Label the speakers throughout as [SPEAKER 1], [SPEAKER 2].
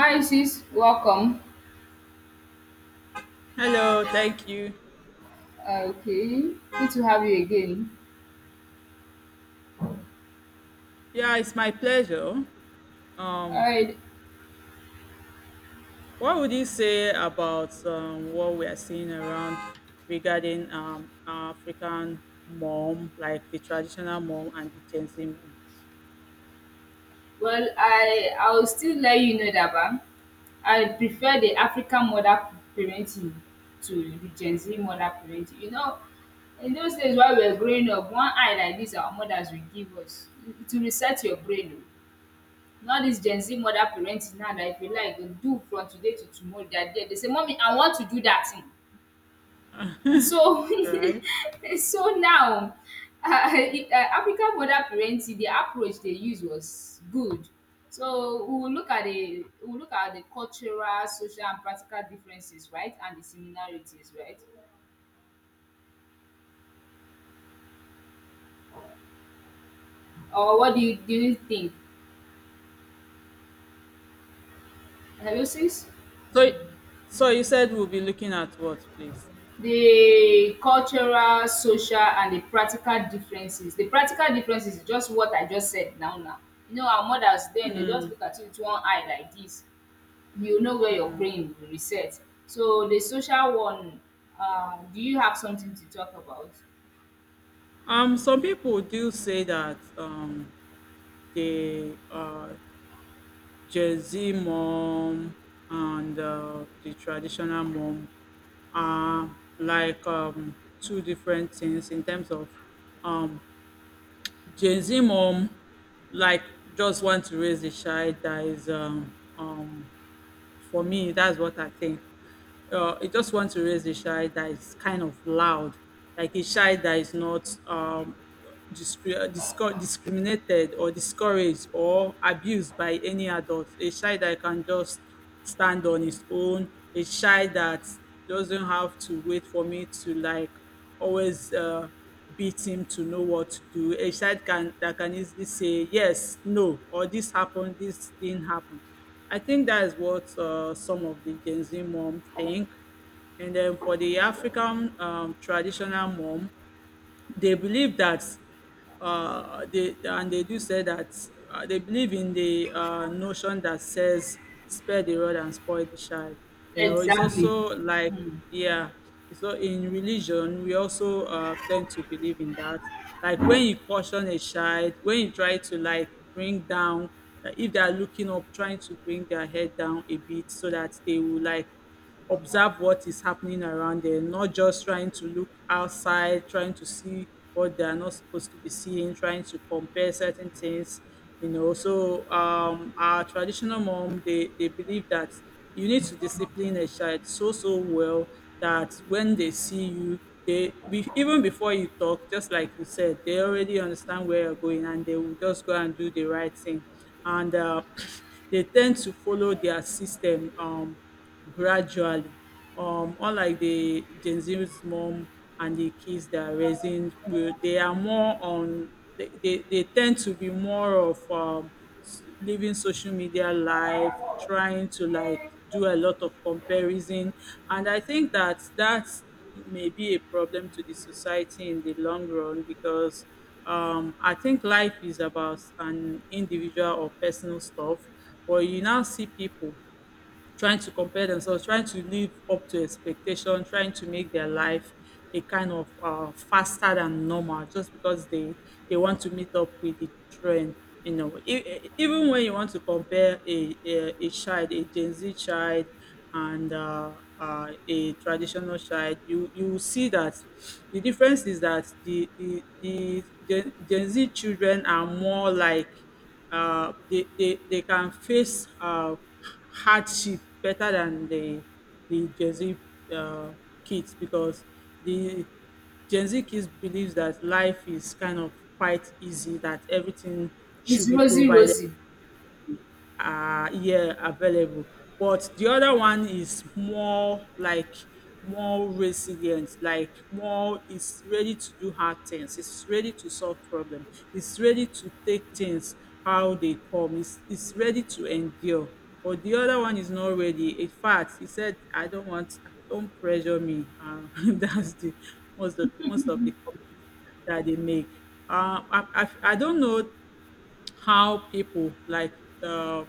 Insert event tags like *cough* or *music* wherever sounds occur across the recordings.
[SPEAKER 1] Hi sis, welcome.
[SPEAKER 2] Hello, thank you.
[SPEAKER 1] Okay, good to have you again.
[SPEAKER 2] Yeah, it's my pleasure. Um,
[SPEAKER 1] Alright,
[SPEAKER 2] what would you say about what we are seeing around regarding African mom, like the traditional mom and the Gen Z mom,
[SPEAKER 1] well I will still let you know that ba, I prefer the African mother parenting to the Gen Z mother parenting. You know, in those days while we were growing up, one eye like this our mothers will give us to reset your brain o. Now this Gen Z mother parenting now that if you like, you do from today to tomorrow, they are there. They say mommy I want to do that thing. So,
[SPEAKER 2] right?
[SPEAKER 1] *laughs* so now, African mother parenting, the approach they used was good. So we will look at the cultural, social, and practical differences, right, and the similarities, right? Or what do you think? Analysis
[SPEAKER 2] So, so, you said we'll be looking at what, please?
[SPEAKER 1] the cultural, social, and the practical differences. The practical differences is just what I just said now. Now, you know, our mothers then they just look at you with one eye like this you know where your brain will reset. So the social one, do you have something to talk about?
[SPEAKER 2] Some people do say that they Gen-Z mom and the traditional mom are like two different things in terms of um, Gen Z mom, like just want to raise a child that is for me. That's what I think. I just want to raise a child that is kind of loud, like a child that is not discriminated or discouraged or abused by any adult, a child that can just stand on his own, a child that doesn't have to wait for me to like always beat him to know what to do. A child can that can easily say yes, no, or this happened, this didn't happen. I think that is what some of the Gen Z mom think. And then for the African traditional mom, they believe that they do say that they believe in the notion that says spare the rod and spoil the child. You know, it's
[SPEAKER 1] Exactly.
[SPEAKER 2] also like,
[SPEAKER 1] Hmm.
[SPEAKER 2] yeah. So in religion, we also tend to believe in that. Like when you caution a child, when you try to like bring down, if they are looking up, trying to bring their head down a bit so that they will like observe what is happening around them, not just trying to look outside, trying to see what they are not supposed to be seeing, trying to compare certain things. You know, so our traditional mom, they believe that you need to discipline a child so well that when they see you, even before you talk, just like you said, they already understand where you're going and they will just go and do the right thing. And *clears throat* they tend to follow their system. Gradually. Unlike the Gen Z's mom and the kids that are raising, they are more on, they tend to be more of living social media life, trying to like do a lot of comparison. And I think that that may be a problem to the society in the long run because I think life is about an individual or personal stuff, but you now see people trying to compare themselves, trying to live up to expectation, trying to make their life a kind of faster than normal, just because they want to meet up with the trend. You know, even when you want to compare a child, a Gen Z child, and a traditional child, you will see that the difference is that the Gen Z children are more like they can face hardship better than the Gen Z uh, kids because the Gen Z kids believes that life is kind of quite easy, that everything should
[SPEAKER 1] It's
[SPEAKER 2] be
[SPEAKER 1] rosy,
[SPEAKER 2] provided
[SPEAKER 1] rosy.
[SPEAKER 2] are here available. But the other one is more like more resilient, like more is ready to do hard things, it's ready to solve problem, it's, ready to take things how they come, it's ready to endure. But the other one is not ready. In fact, he said, I don't want, don't pressure me. *laughs* That's the most of the comments that they make. I don't know how people like uh,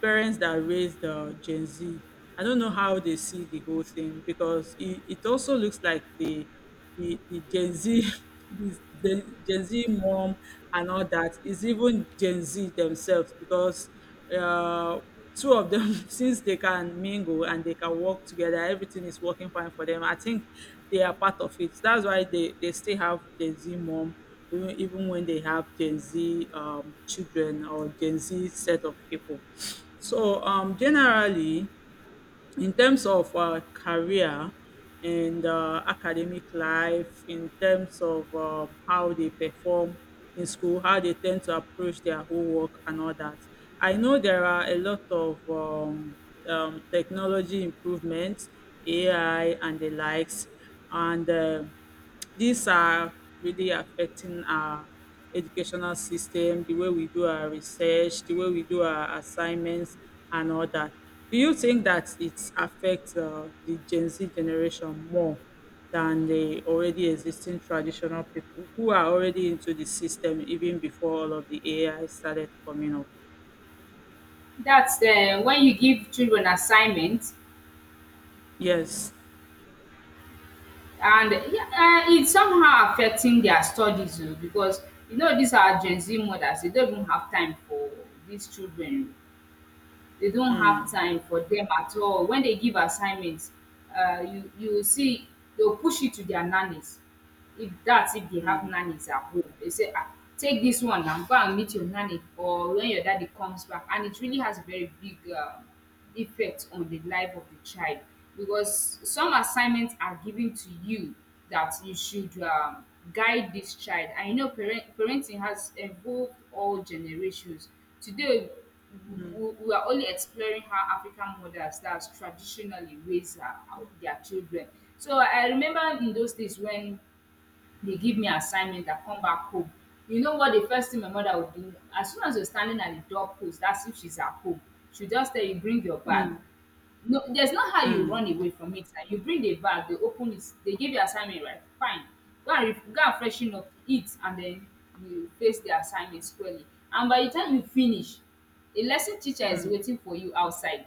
[SPEAKER 2] parents that raise the Gen Z, I don't know how they see the whole thing because it also looks like the Gen Z, *laughs* the Gen Z mom and all that is even Gen Z themselves because uh, two of them *laughs* since they can mingle and they can work together, everything is working fine for them. I think they are part of it, that's why they still have Gen Z mom, even when they have Gen Z children or Gen Z set of people. So generally, in terms of career and academic life, in terms of how they perform in school, how they tend to approach their homework and all that. I know there are a lot of technology improvements, AI and the likes, and these are really affecting our educational system, the way we do our research, the way we do our assignments, and all that. Do you think that it affects the Gen Z generation more than the already existing traditional people who are already into the system even before all of the AI started coming up?
[SPEAKER 1] That's when you give children assignments,
[SPEAKER 2] Yes.
[SPEAKER 1] and yeah, it's somehow affecting their studies oh, because you know these are Gen Z mothers; they don't even have time for these children. They don't have time for them at all. When they give assignments, you will see they'll push it to their nannies. If they have nannies at home, they say, ah, take this one and go and meet your nanny, or when your daddy comes back. And it really has a very big effect on the life of the child because some assignments are given to you that you should guide this child. And you know parenting has evolved all generations today. We are only exploring how African mothers that traditionally raise their children. So I remember in those days when dey give me assignment I come back home. You know what the first thing my mother will do? As soon as you're standing at the doorpost, as if she's at home, she'll just tell you, bring your bag. No, there's no how you run away from it. Now. You bring the bag, they open it, they give you assignment, right? Fine. Go and, go and freshen up, eat, and then you face the assignment squarely. And by the time you finish, a lesson teacher is waiting for you outside.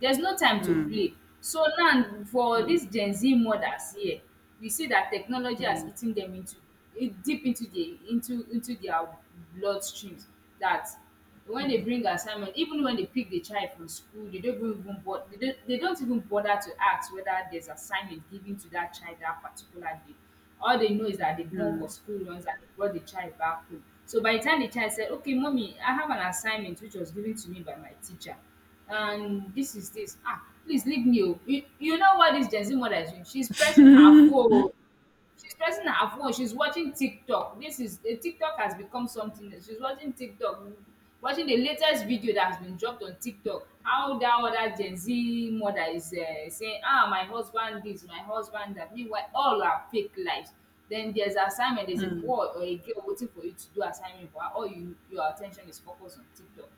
[SPEAKER 1] There's no time to play. So now for dis
[SPEAKER 2] Mm,
[SPEAKER 1] Gen Z mothers here, we see dat technology has
[SPEAKER 2] mm,
[SPEAKER 1] eaten dem into e deep into their blood streams dat when they bring assignment, even when they pick the child from school, they don't even bo they don't even bother to ask whether there's assignment given to dat child dat particular day. All they know is dat they've gone for school runs and they brought the child back home. So by the time the child said, "Okay, mommy, I have an assignment which was given to me by my teacher," and this is this. Ah, please leave me. Oh." You know what this Gen Z mother is doing? She's pressing her phone. She's pressing her phone. She's watching TikTok. This is eh, TikTok has become something. She's watching TikTok, watching the latest video that has been dropped on TikTok. How that other Gen Z mother is saying, "Ah, my husband this, my husband that." Meanwhile, all are fake lives. Then there's assignment. There's a
[SPEAKER 2] mm,
[SPEAKER 1] boy or a girl waiting for you to do assignment, but all your attention is focused on TikTok.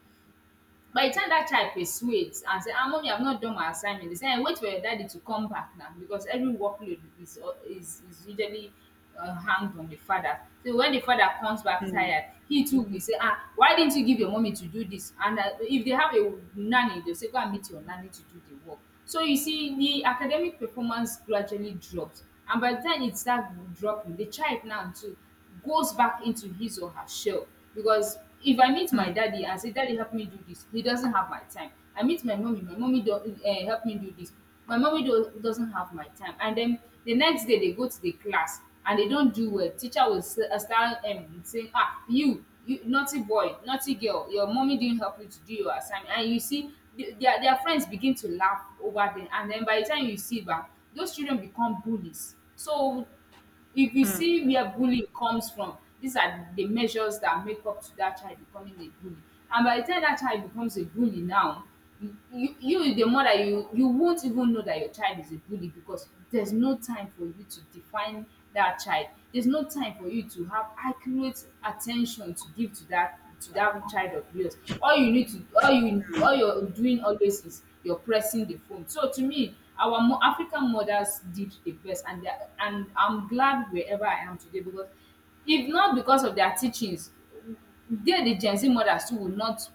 [SPEAKER 1] By the time dat child persuades and say, “Ah mommy, I have not done my assignment,” dey say, wait for your daddy to come back now because every workload is al is usually hanged on the father.” So when the father comes back
[SPEAKER 2] mm,
[SPEAKER 1] tired, he too will say, “Ah why didn't you give your mommy to do this?" And if they have a nanny dey say, “Go and meet your nanny to do the work.” So you see, the academic performance gradually dropped, and by the time it start dropping, the child now too goes back into his or her shell. Because if I meet my daddy and say, Daddy, help me do this, he doesn't have my time. I meet my mommy don't help me do this. Doesn't have my time, and then the next day they go to the class and they don't do well. Teacher will start saying, ah you naughty boy, naughty girl, your mommy didn't help you to do your assignment. And you see their friends begin to laugh over them, and then by the time you see back those children become bullies. So if you see where bullying comes from, these are the measures that make up to that child becoming a bully. And by the time that child becomes a bully now, you the mother, you won't even know that your child is a bully because there's no time for you to define that child. There's no time for you to have accurate attention to give to that child of yours. All you need to all you all you're doing always is you're pressing the phone. So to me, our African mothers did the best, and I'm glad wherever I am today because if not because of their teachings, they the Gen Z mothers too would not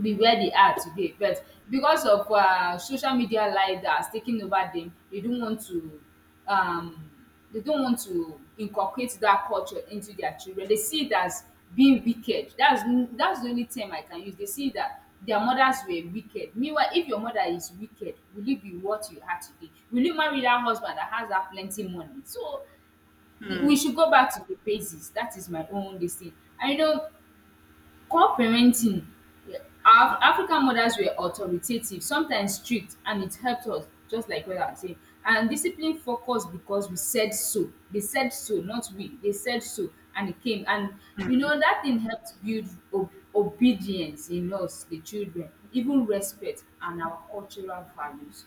[SPEAKER 1] be where they are today. But because of social media leaders taking over them, they don't want to um they don't want to inculcate that culture into their children. They see it as being wicked. That's the only term I can use. They see that their mothers were wicked. Meanwhile, if your mother is wicked, will you be what you are today? Will you marry that husband that has that plenty money? So we should go back to the basics. That is my own this thing. And you know. Co-parenting. Af African mothers were authoritative, sometimes strict, and it helped us just like what I'm saying. And discipline focused because we said so. They said so, not we. They said so and it came. And you know that thing helped build o- obedience in us, the children, even respect and our cultural values.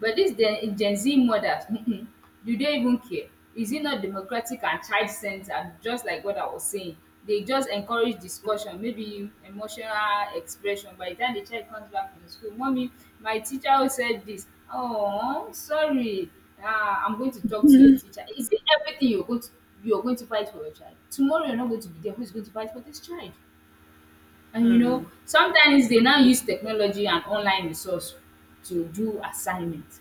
[SPEAKER 1] But these Gen Z mothers, *laughs* do they even care? Is it not democratic and child centered, just like what I was saying? They just encourage discussion, maybe emotional expression. By the time the child comes back from school, mommy, my teacher said this. Oh, sorry. Ah, I'm going to talk to your teacher. Is it everything you're going to fight for your child? Tomorrow you're not going to be there. Who's going to fight for this child? And you know, sometimes they now use technology and online resource to do assignments.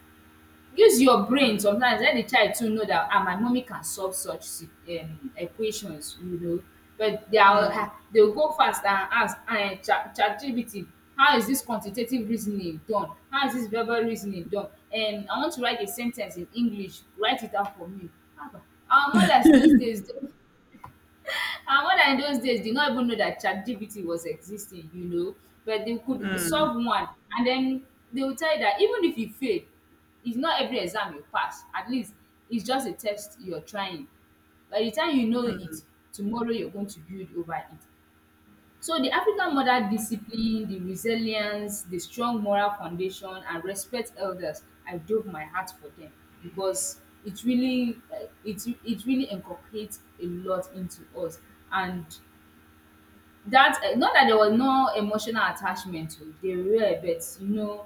[SPEAKER 1] Use your brain
[SPEAKER 2] mm.
[SPEAKER 1] sometimes, let the child too know that ah my mommy can solve such si equations, you know. But they are they will go fast and ask ChatGPT, how is this quantitative reasoning done, how is this verbal reasoning done. And I want to write a sentence in English, write it out for me. Haba, our mothers those days, and when I in those days did not even know that ChatGPT was existing, you know, but they could solve one. And then they will tell you that even if you fail, it's not every exam you pass. At least it's just a test you're trying. By the time you know it, tomorrow you're going to build over it. So the African mother discipline, the resilience, the strong moral foundation, and respect elders. I broke my heart for them because it really, it really inculcates a lot into us. And that not that there was no emotional attachment, to they were, but you know,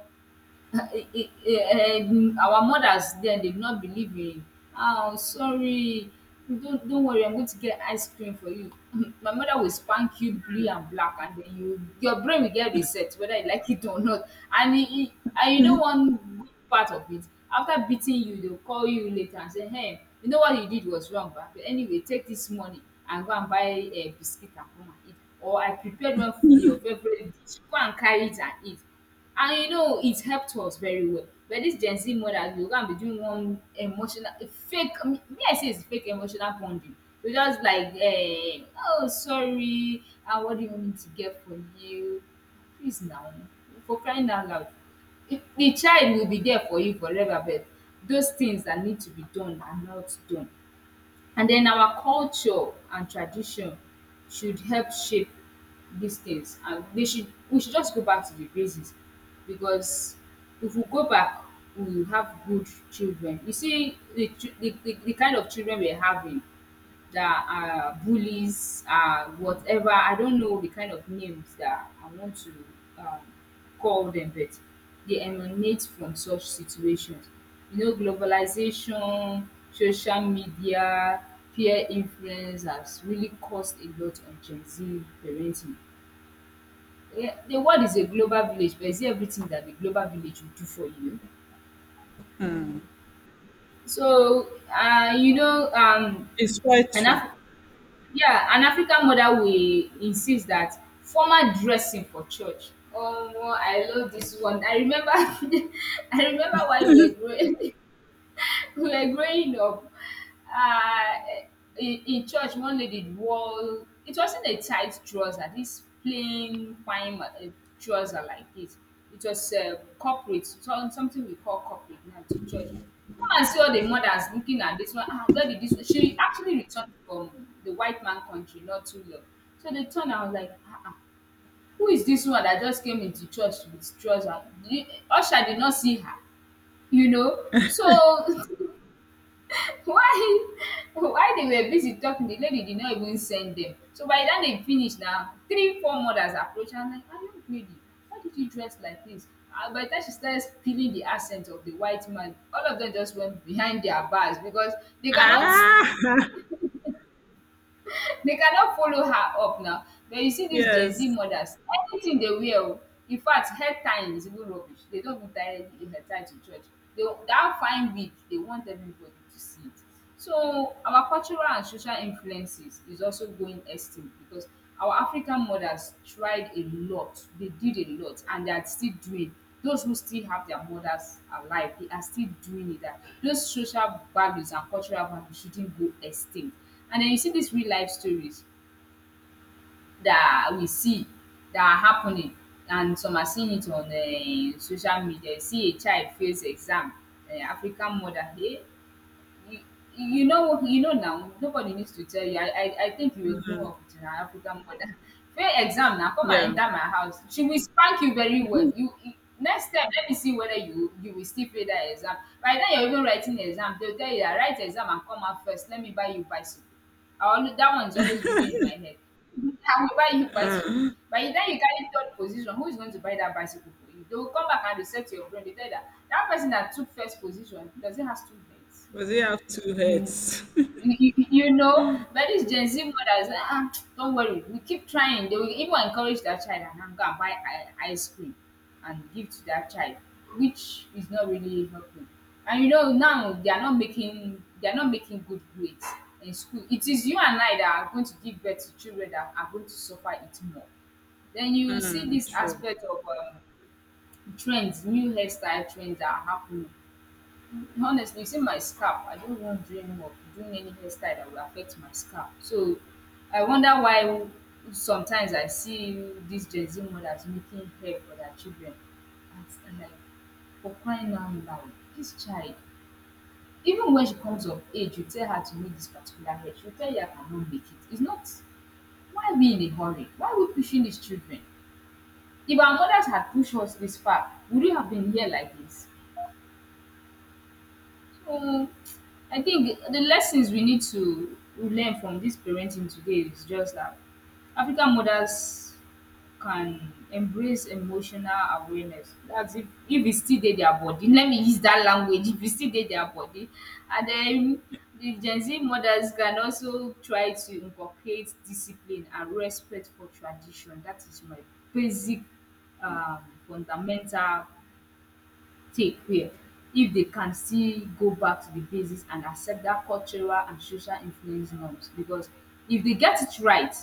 [SPEAKER 1] our mothers then did not believe in oh sorry don't worry, I'm going to get ice cream for you. *laughs* My mother will spank you blue and black, and then you your brain will get reset whether you like it or not. And e e And you know one good part of it, after beating you they will call you later and say, hey, you know what you did was wrong, but anyway, take this money and go and buy a biscuit and come and eat, or I prepared one of your favourite dish, go and carry it and eat. And you know, it helped us very well. But this Gen Z mothers go going to be doing one emotional fake, I mean, me I say it's fake emotional bonding. You just like oh sorry, ah, what do you want me to get for you? Please now, for crying out loud. If the child will be there for you forever, but those things that need to be done are not done. And then our culture and tradition should help shape these things. And they should we should just go back to the basics, because if we go back, we will have good children. You see, the kind of children we're having that are bullies, whatever. I don't know the kind of names that I want to um, call them, but they emanate from such situations. You know, globalization, social media, peer influence has really caused a lot on Gen Z parenting. Eh, the world is a global village, but is it everything that the global village will do for you? So, uh, you know, um,
[SPEAKER 2] It's quite
[SPEAKER 1] and
[SPEAKER 2] true.
[SPEAKER 1] af- Yeah, an African mother will insist that formal dressing for church. Oh, I love this one. I remember *laughs* I remember while we were growing *laughs* we were growing up, uh, in church one lady wore, it wasn't a tight trouser, this plain fine trouser like this. It was corporate, so, something we call corporate now, to church. Come and see all the mothers looking at this one. Ah, where did this one, she actually returned from the white man country, not too long. So they turned and I was like, ah, ah, who is this one that just came into church with trouser? The usher did not see her, you know, so *laughs* *laughs* Why? Why they were busy talking, the lady did not even send them. So by the time dem finish na three four mothers approached her and like, are you greedy? Why did you dress like this? And by the time she started feeling the accent of the white man, all of them just went behind their bars, because they cannot
[SPEAKER 2] Ah,
[SPEAKER 1] they cannot follow her up now. But you see
[SPEAKER 2] *laughs*
[SPEAKER 1] dis Gen Z
[SPEAKER 2] yes.
[SPEAKER 1] mothers, anything dey wear oh. In fact, hair tying is even rubbish. They don't even tie any hair tie to church. They that fine wig, they want everybody to see it. So our cultural and social influences is also going extinct, because our African mothers tried a lot, they did a lot, and they are still doing. Those who still have their mothers alive, they are still doing it. That those social values and cultural values shouldn't go extinct. And then you see these real life stories that we see that are happening, and some are seeing it on social media. You see a child fails exam, African mother, hey, you, you know now, nobody needs to tell you. I think you will grow up with an African mother. *laughs* Fail exam, now come and
[SPEAKER 2] Yeah.
[SPEAKER 1] enter my house, she will spank you very well. You next time, let me see whether you will still fail that exam. By then you're even writing the exam, they'll tell you that write exam and come out first, let me buy you bicycle. I always, that one is always ringing in my head. *laughs* I will buy you bicycle.
[SPEAKER 2] *laughs*
[SPEAKER 1] By the time you carry third position, who is going to buy that bicycle for you? They will come back and reset your brain, they tell you that that person that took first position, does it has two heads?
[SPEAKER 2] Does it have two
[SPEAKER 1] you,
[SPEAKER 2] heads?
[SPEAKER 1] you know, but these Gen Z mothers, ah, don't worry, we keep trying. They will even encourage their child and "I'm gonna buy ice cream and give to their child," which is not really helping. And you know, now they are not making good grades in school. It is you and I that are going to give birth to children that are going to suffer it more. Then
[SPEAKER 2] *laughs*
[SPEAKER 1] you will see
[SPEAKER 2] Mm,
[SPEAKER 1] this
[SPEAKER 2] true.
[SPEAKER 1] aspect of trends, new hairstyle trends that are happening. Honestly, you see my scalp, I don't want doing work, doing any hairstyle that will affect my scalp. So I wonder why sometimes I see these Gen Z mothers making hair for their children. And like, for crying out loud, this child, even when she comes of age, you tell her to make this particular hair, she'll tell you I cannot make it. It's not, Why we in a hurry? Why are we pushing these children? If our mothers had pushed us this far, would we have been here like this? So I think the lessons we need to learn from this parenting today is just that African mothers can embrace emotional awareness. That's if e still dey their body. Let me use that language. If e still dey their body. And then the Gen Z mothers can also try to inculcate discipline and respect for tradition. That is my basic um fundamental take wia, if they can still go back to the basics and accept that cultural and social influence norms, because if they get it right,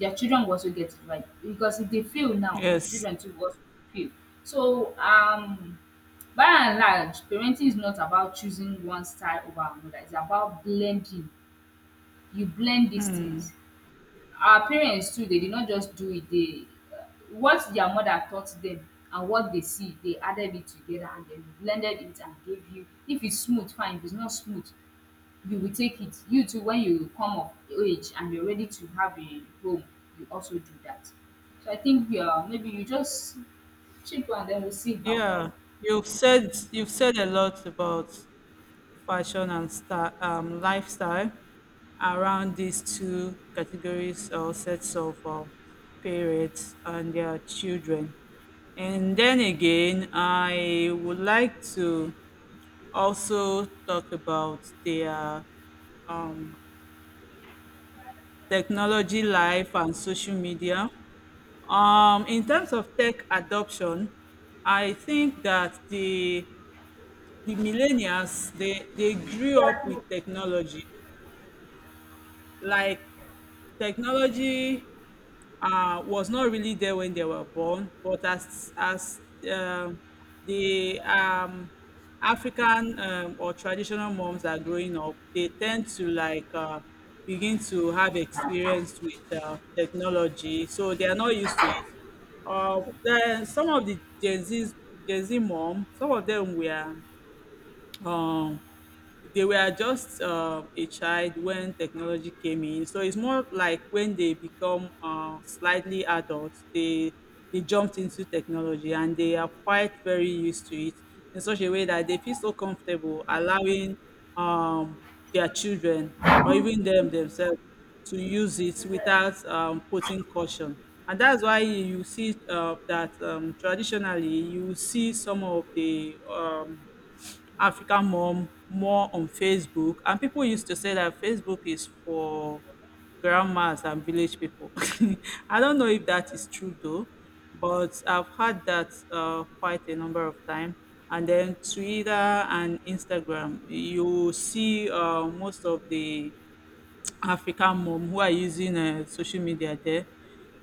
[SPEAKER 1] their children will also get it right, because if they fail now, the
[SPEAKER 2] Yes.
[SPEAKER 1] children too will also fail. So by and large, parenting is not about choosing one style over another, it's about blending. You blend these things. Our parents too, they did not just do it, they what their mother taught them and what they see, they added it together and then blended it and gave you. If it's smooth, fine. If it's not smooth, you will take it. You too, when you come of age and you're ready to have a home, you also do that. So I think yeah, maybe you just check one, then we'll see how far.
[SPEAKER 2] Yeah. You've said a lot about fashion and star, lifestyle around these two categories or sets of parents and their children. And then again, I would like to also talk about their um, technology life and social media. In terms of tech adoption, I think that the millennials, they grew up with technology, like technology was not really there when they were born, but as um, the African or traditional moms are growing up, they tend to like begin to have experience with technology, so they are not used to it. Then some of the Gen Z mom, some of them were um they were just a child when technology came in. So it's more like when they become slightly adults, they jumped into technology and they are quite very used to it in such a way that they feel so comfortable allowing um, their children or even them themselves to use it without putting caution. And that's why you see that traditionally you will see some of the African mom more on Facebook. And people used to say that Facebook is for grandmas and village people. *laughs* I don't know if that is true though, but I've had that quite a number of times. And then Twitter and Instagram, you see most of the African mom who are using social media there.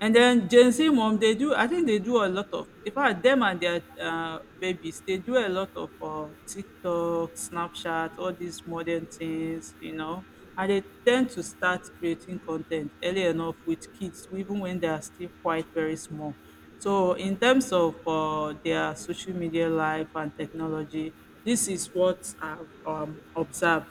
[SPEAKER 2] And then Gen Z mom, they do, I think they do a lot of, in fact, them and their babies, they do a lot of TikTok, Snapchat, all these modern things, you know, and they tend to start creating content early enough with kids, even when they are still quite very small. So, in terms of their social media life and technology, this is what I've observed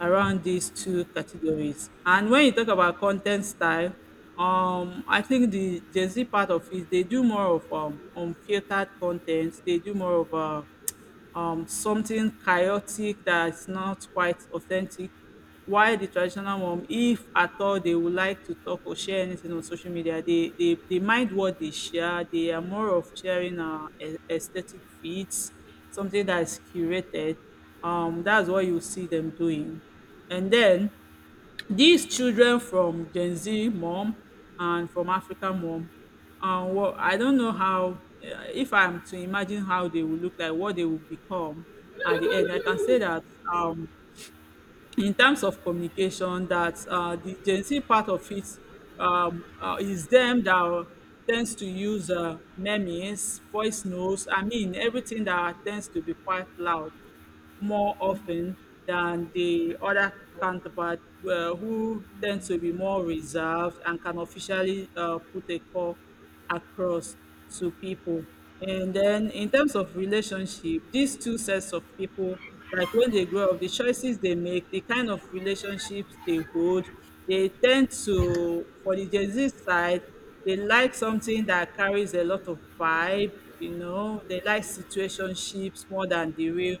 [SPEAKER 2] around these two categories. And when you talk about content style, I think the Gen Z part of it, they do more of unfiltered content. They do more of something chaotic that's not quite authentic. While the traditional one, if at all they would like to talk or share anything on social media, they mind what they share. They are more of sharing aesthetic feeds, something that is curated. That's what you see them doing. And then these children from Gen Z mom and from African mom, well, I don't know how, if I'm to imagine how they will look like, what they will become at the end. I can say that um, in terms of communication that the Gen Z part of it is them that tends to use memes, voice notes, I mean, everything that tends to be quite loud more often than the other counterpart who tend to be more reserved and can officially put a call across to people. And then in terms of relationship, these two sets of people, like when they grow up, the choices they make, the kind of relationships they hold, they tend to, for the Gen Z side, they like something that carries a lot of vibe, you know, they like situationships more than the real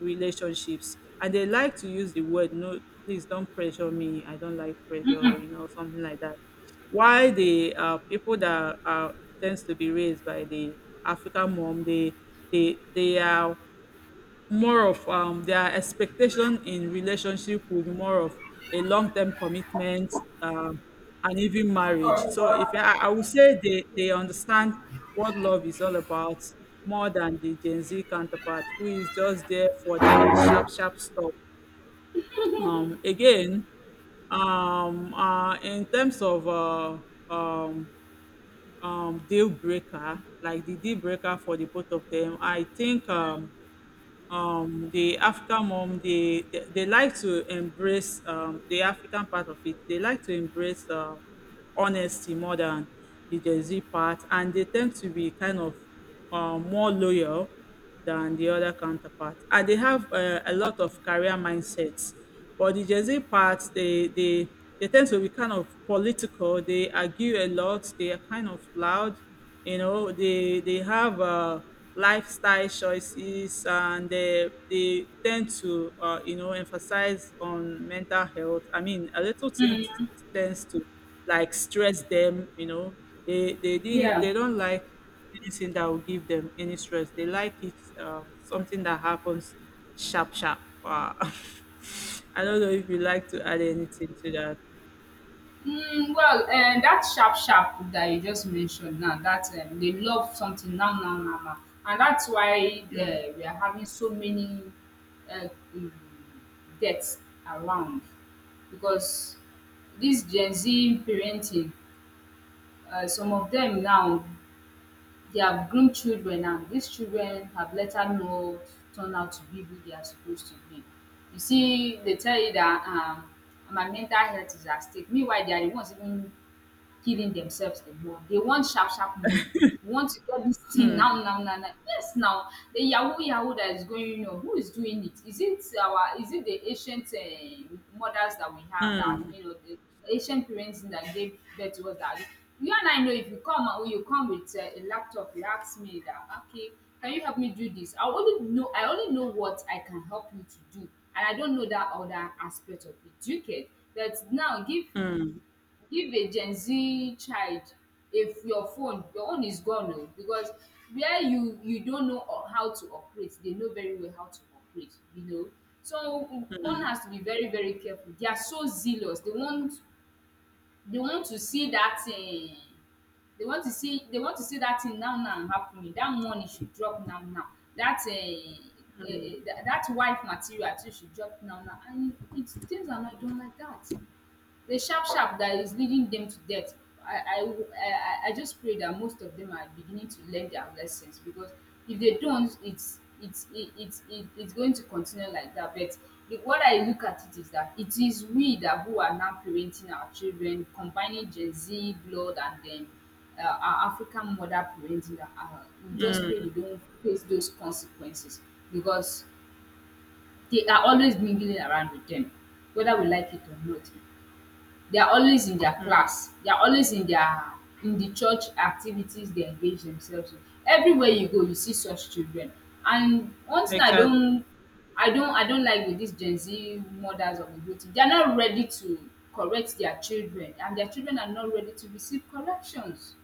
[SPEAKER 2] relationships. And they like to use the word, no, please don't pressure me. I don't like pressure, you know, something like that. Why the people that are tends to be raised by the African mom, they are more of their expectation in relationship will be more of a long term commitment um, and even marriage. So if I would say they understand what love is all about more than the Gen Z counterpart who is just there for the sharp sharp stuff. Again, in terms of um, deal breaker, like the deal breaker for the both of them, I think the African mom, they like to embrace the African part of it, they like to embrace honesty more than the Gen Z part, and they tend to be kind of more loyal than the other counterparts, and they have a lot of career mindsets. But the Gen Z part, they tend to be kind of political. They argue a lot. They are kind of loud. You know, they have lifestyle choices, and they tend to emphasize on mental health. I mean, a little thing
[SPEAKER 1] Mm,
[SPEAKER 2] tends to like stress them. You know, they they didn't
[SPEAKER 1] yeah.
[SPEAKER 2] they don't like anything that will give them any stress. They like it something that happens sharp, sharp. Wow. *laughs* I don't know if you like to add anything to that.
[SPEAKER 1] That sharp sharp that you just mentioned now, that they love something now, now, now, now, and that's why we are having so many uh, mm, deaths around, because this Gen Z parenting, some of them now, they have groomed children, and these children have later not turn out to be who they are supposed to be. You see, they tell you that my mental health is at stake. Meanwhile, they are the ones even giving themselves the ball. They want sharp, sharp money. We want to get this thing *laughs* now,
[SPEAKER 2] Hmm.
[SPEAKER 1] now, now, now. Yes, now the Yahoo Yahoo that is going on. Who is doing it? Is it our? Is it the ancient mothers that we have that are doing all the ancient parents that gave birth to us? That you and I know, if you come and you come with a laptop, you ask me that okay, can you help me do this? I only know what I can help you to do, and I don't know that other aspect of it. You get that now? Give a Gen Z child, if your phone, your own is gone oh, because where you don't know how to operate, they know very well how to operate, you know. So one has to be very careful. They are so zealous. They want to see that they want to see that thing now now happening. That money should drop now now. That that wife material too should drop now now and it things are not done like that. The sharp sharp that is leading them to death, I just pray that most of them are beginning to learn their lessons, because if they don't, it's going to continue like that. But the, what I look at it is that it is we that who are now parenting our children combining Gen Z blood and then our African mother parenting, that we just pray we don't face those consequences, because they are always mingling around with them, whether we like it or not. They are always in their class, they are always in their in the church activities they engage themselves in. Everywhere you go, you see such children. And one thing
[SPEAKER 2] Exactly.
[SPEAKER 1] I don't like with these Gen Z mothers of the whole thing, they are not ready to correct their children, and their children are not ready to receive corrections.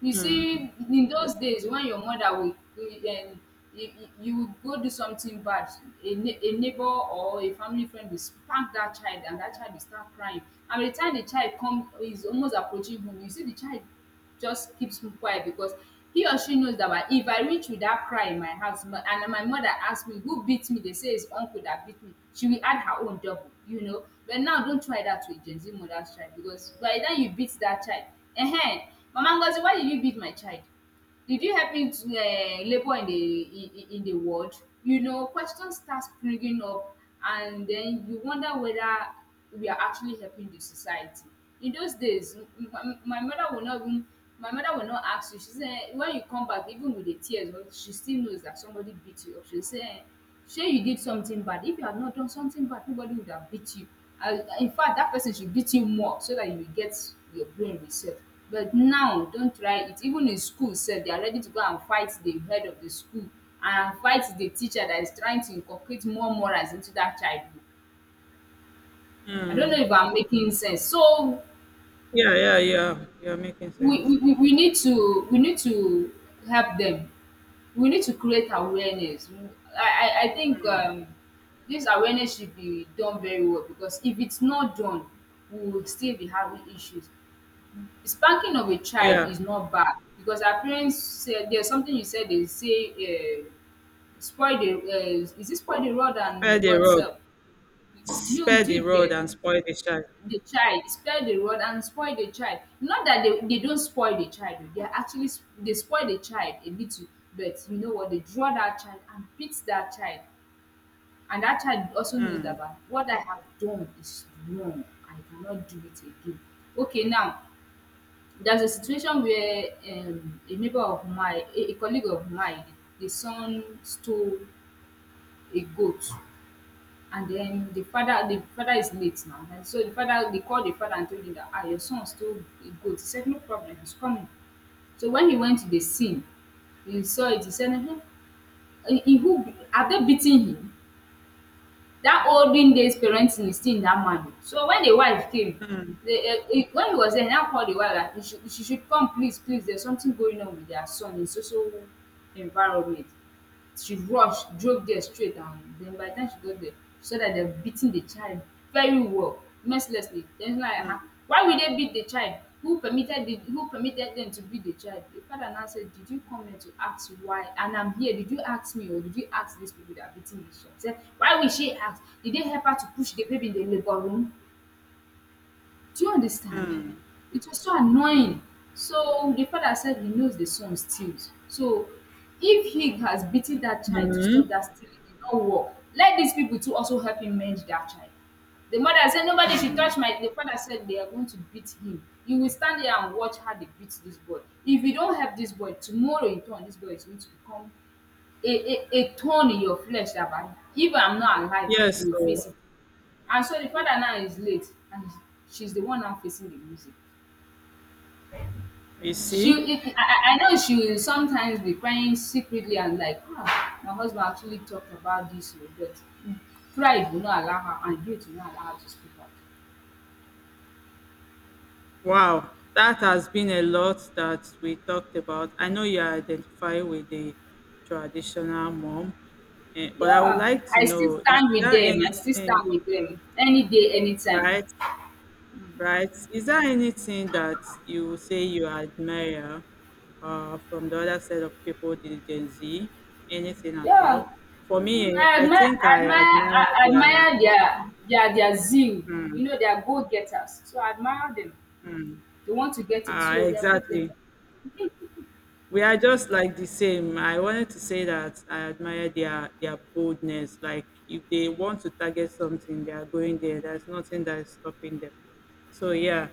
[SPEAKER 1] You see, in those days, when your mother will, you you would go do something bad, a neighbor or a family friend will spank that child, and that child will start crying. And by the time the child come is almost approaching home, you see the child just keeps quiet, because he or she knows that if I reach with that cry in my house and my mother asks me who beat me, they say it's uncle that beat me, she will add her own double, you know. But now, don't try that with Gen Z mother's child, because by the time you beat that child, uh-huh, Mama Ngozi, why did you beat my child? Did you help him to labour in the world? You know, questions start springing up, and then you wonder whether we are actually helping the society. In those days, my mother will not even my mother will not ask you. She say when you come back even with the tears, well, she still knows that somebody beat you up. She will say Shey you did something bad. If you had not done something bad, nobody would have beat you. And in fact, that person should beat you more so that you will get your brain reset. But now, don't try it. Even in school said they are ready to go and fight the head of the school and fight the teacher that is trying to inculcate more morals into that child. I don't know if I'm making sense. So
[SPEAKER 2] Yeah, yeah, yeah. You're making sense.
[SPEAKER 1] we need to help them. We need to create awareness. I think this awareness should be done very well, because if it's not done we will still be having issues. Spanking of a child
[SPEAKER 2] Yeah.
[SPEAKER 1] is not bad, because our parents said there's something you said they say uh, spoil the is it spoil the rod
[SPEAKER 2] Spare
[SPEAKER 1] and
[SPEAKER 2] the
[SPEAKER 1] what's
[SPEAKER 2] rod.
[SPEAKER 1] up? do you
[SPEAKER 2] Spare
[SPEAKER 1] do
[SPEAKER 2] the
[SPEAKER 1] you
[SPEAKER 2] rod
[SPEAKER 1] get
[SPEAKER 2] and spoil the child.
[SPEAKER 1] the child? Spare the rod and spoil the child. Not that they don't spoil the child, oh, they are actually they spoil the child a little, but you know what, they draw that child and beat that child, and that child also knows that, "Ah, what I have done is wrong. I cannot do it again." Okay, now, there's a situation where a neighbor of mine, a colleague of mine, the son stole a goat. And then the father is late now. And so the father, they called the father and told him that, ah, your son stole a goat. He said, no problem, he's coming. So when he went to the scene, he saw it, he said, "Ehen, eh, he who are they beating him?" That olden days parenting is still in that man. So when the wife came, when he was there, he now called the wife that he should she should come, please, please, there's something going on with their son in so so environment. She rush drove dia straight, and den by di time she got dia, she saw dat dem beating di child very well mercilessly. Den she now ask, why will they beat the child? Who permitted the who permitted them to beat the child? The father now said, did you come here to ask why and I'm here? Did you ask me, or did you ask these people that are beating this child? Say, why will she ask, did they help her to push the baby in the labour room? Do you understand? It was so annoying. So the father said he knows the son steals. So if he has beaten that child to stop that stealing, it will not work. Let these people too also help him mend that child. The mother said, nobody should touch my— the father said they are going to beat him. You will stand there and watch how they beat this boy. If you don't help this boy, tomorrow in turn, this boy is going to become a thorn in your flesh, that by, if I'm not alive,
[SPEAKER 2] Yes.
[SPEAKER 1] you will
[SPEAKER 2] So
[SPEAKER 1] face it. And so the father now is late, and she's the one now facing the music.
[SPEAKER 2] you
[SPEAKER 1] She,
[SPEAKER 2] see.
[SPEAKER 1] if I know she will sometimes be crying secretly and like, ah, my husband actually talked about this, oh, but pride will not allow her, and guilt will not allow her to speak up.
[SPEAKER 2] Wow, that has been a lot that we talked about. I know you identify with the traditional mom, eh, but I would
[SPEAKER 1] Yeah,
[SPEAKER 2] like to
[SPEAKER 1] I still
[SPEAKER 2] know, is
[SPEAKER 1] stand with
[SPEAKER 2] there
[SPEAKER 1] them. I still
[SPEAKER 2] anything,
[SPEAKER 1] stand with them any day, anytime.
[SPEAKER 2] right? Right? Is there anything that you would say you admire from the other set of people, the Gen Z? Anything at all?
[SPEAKER 1] Yeah.
[SPEAKER 2] For me,
[SPEAKER 1] Mm,
[SPEAKER 2] eh, I think I admire
[SPEAKER 1] I
[SPEAKER 2] their,
[SPEAKER 1] admire their zeal. You know, they are go getters. So I admire them. They want to get it, so they are go
[SPEAKER 2] exactly,
[SPEAKER 1] getters.
[SPEAKER 2] we are just like the same. I wanted to say that I admire their boldness. Like if they want to target something, they are going there. There's nothing that is stopping them. So yeah,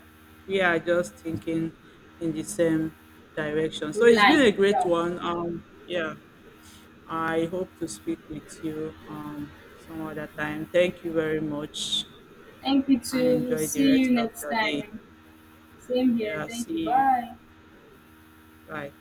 [SPEAKER 2] we are just thinking in the same direction. So
[SPEAKER 1] Good
[SPEAKER 2] it's been a
[SPEAKER 1] line,
[SPEAKER 2] great
[SPEAKER 1] yeah.
[SPEAKER 2] one. Yeah. I hope to speak with you some other time. Thank you very much
[SPEAKER 1] Thank you
[SPEAKER 2] and
[SPEAKER 1] too.
[SPEAKER 2] enjoy the
[SPEAKER 1] See
[SPEAKER 2] rest
[SPEAKER 1] you
[SPEAKER 2] of
[SPEAKER 1] next
[SPEAKER 2] your day.
[SPEAKER 1] time. Same here.
[SPEAKER 2] Yeah,
[SPEAKER 1] Thank
[SPEAKER 2] see
[SPEAKER 1] you.
[SPEAKER 2] you.
[SPEAKER 1] Bye.
[SPEAKER 2] Bye.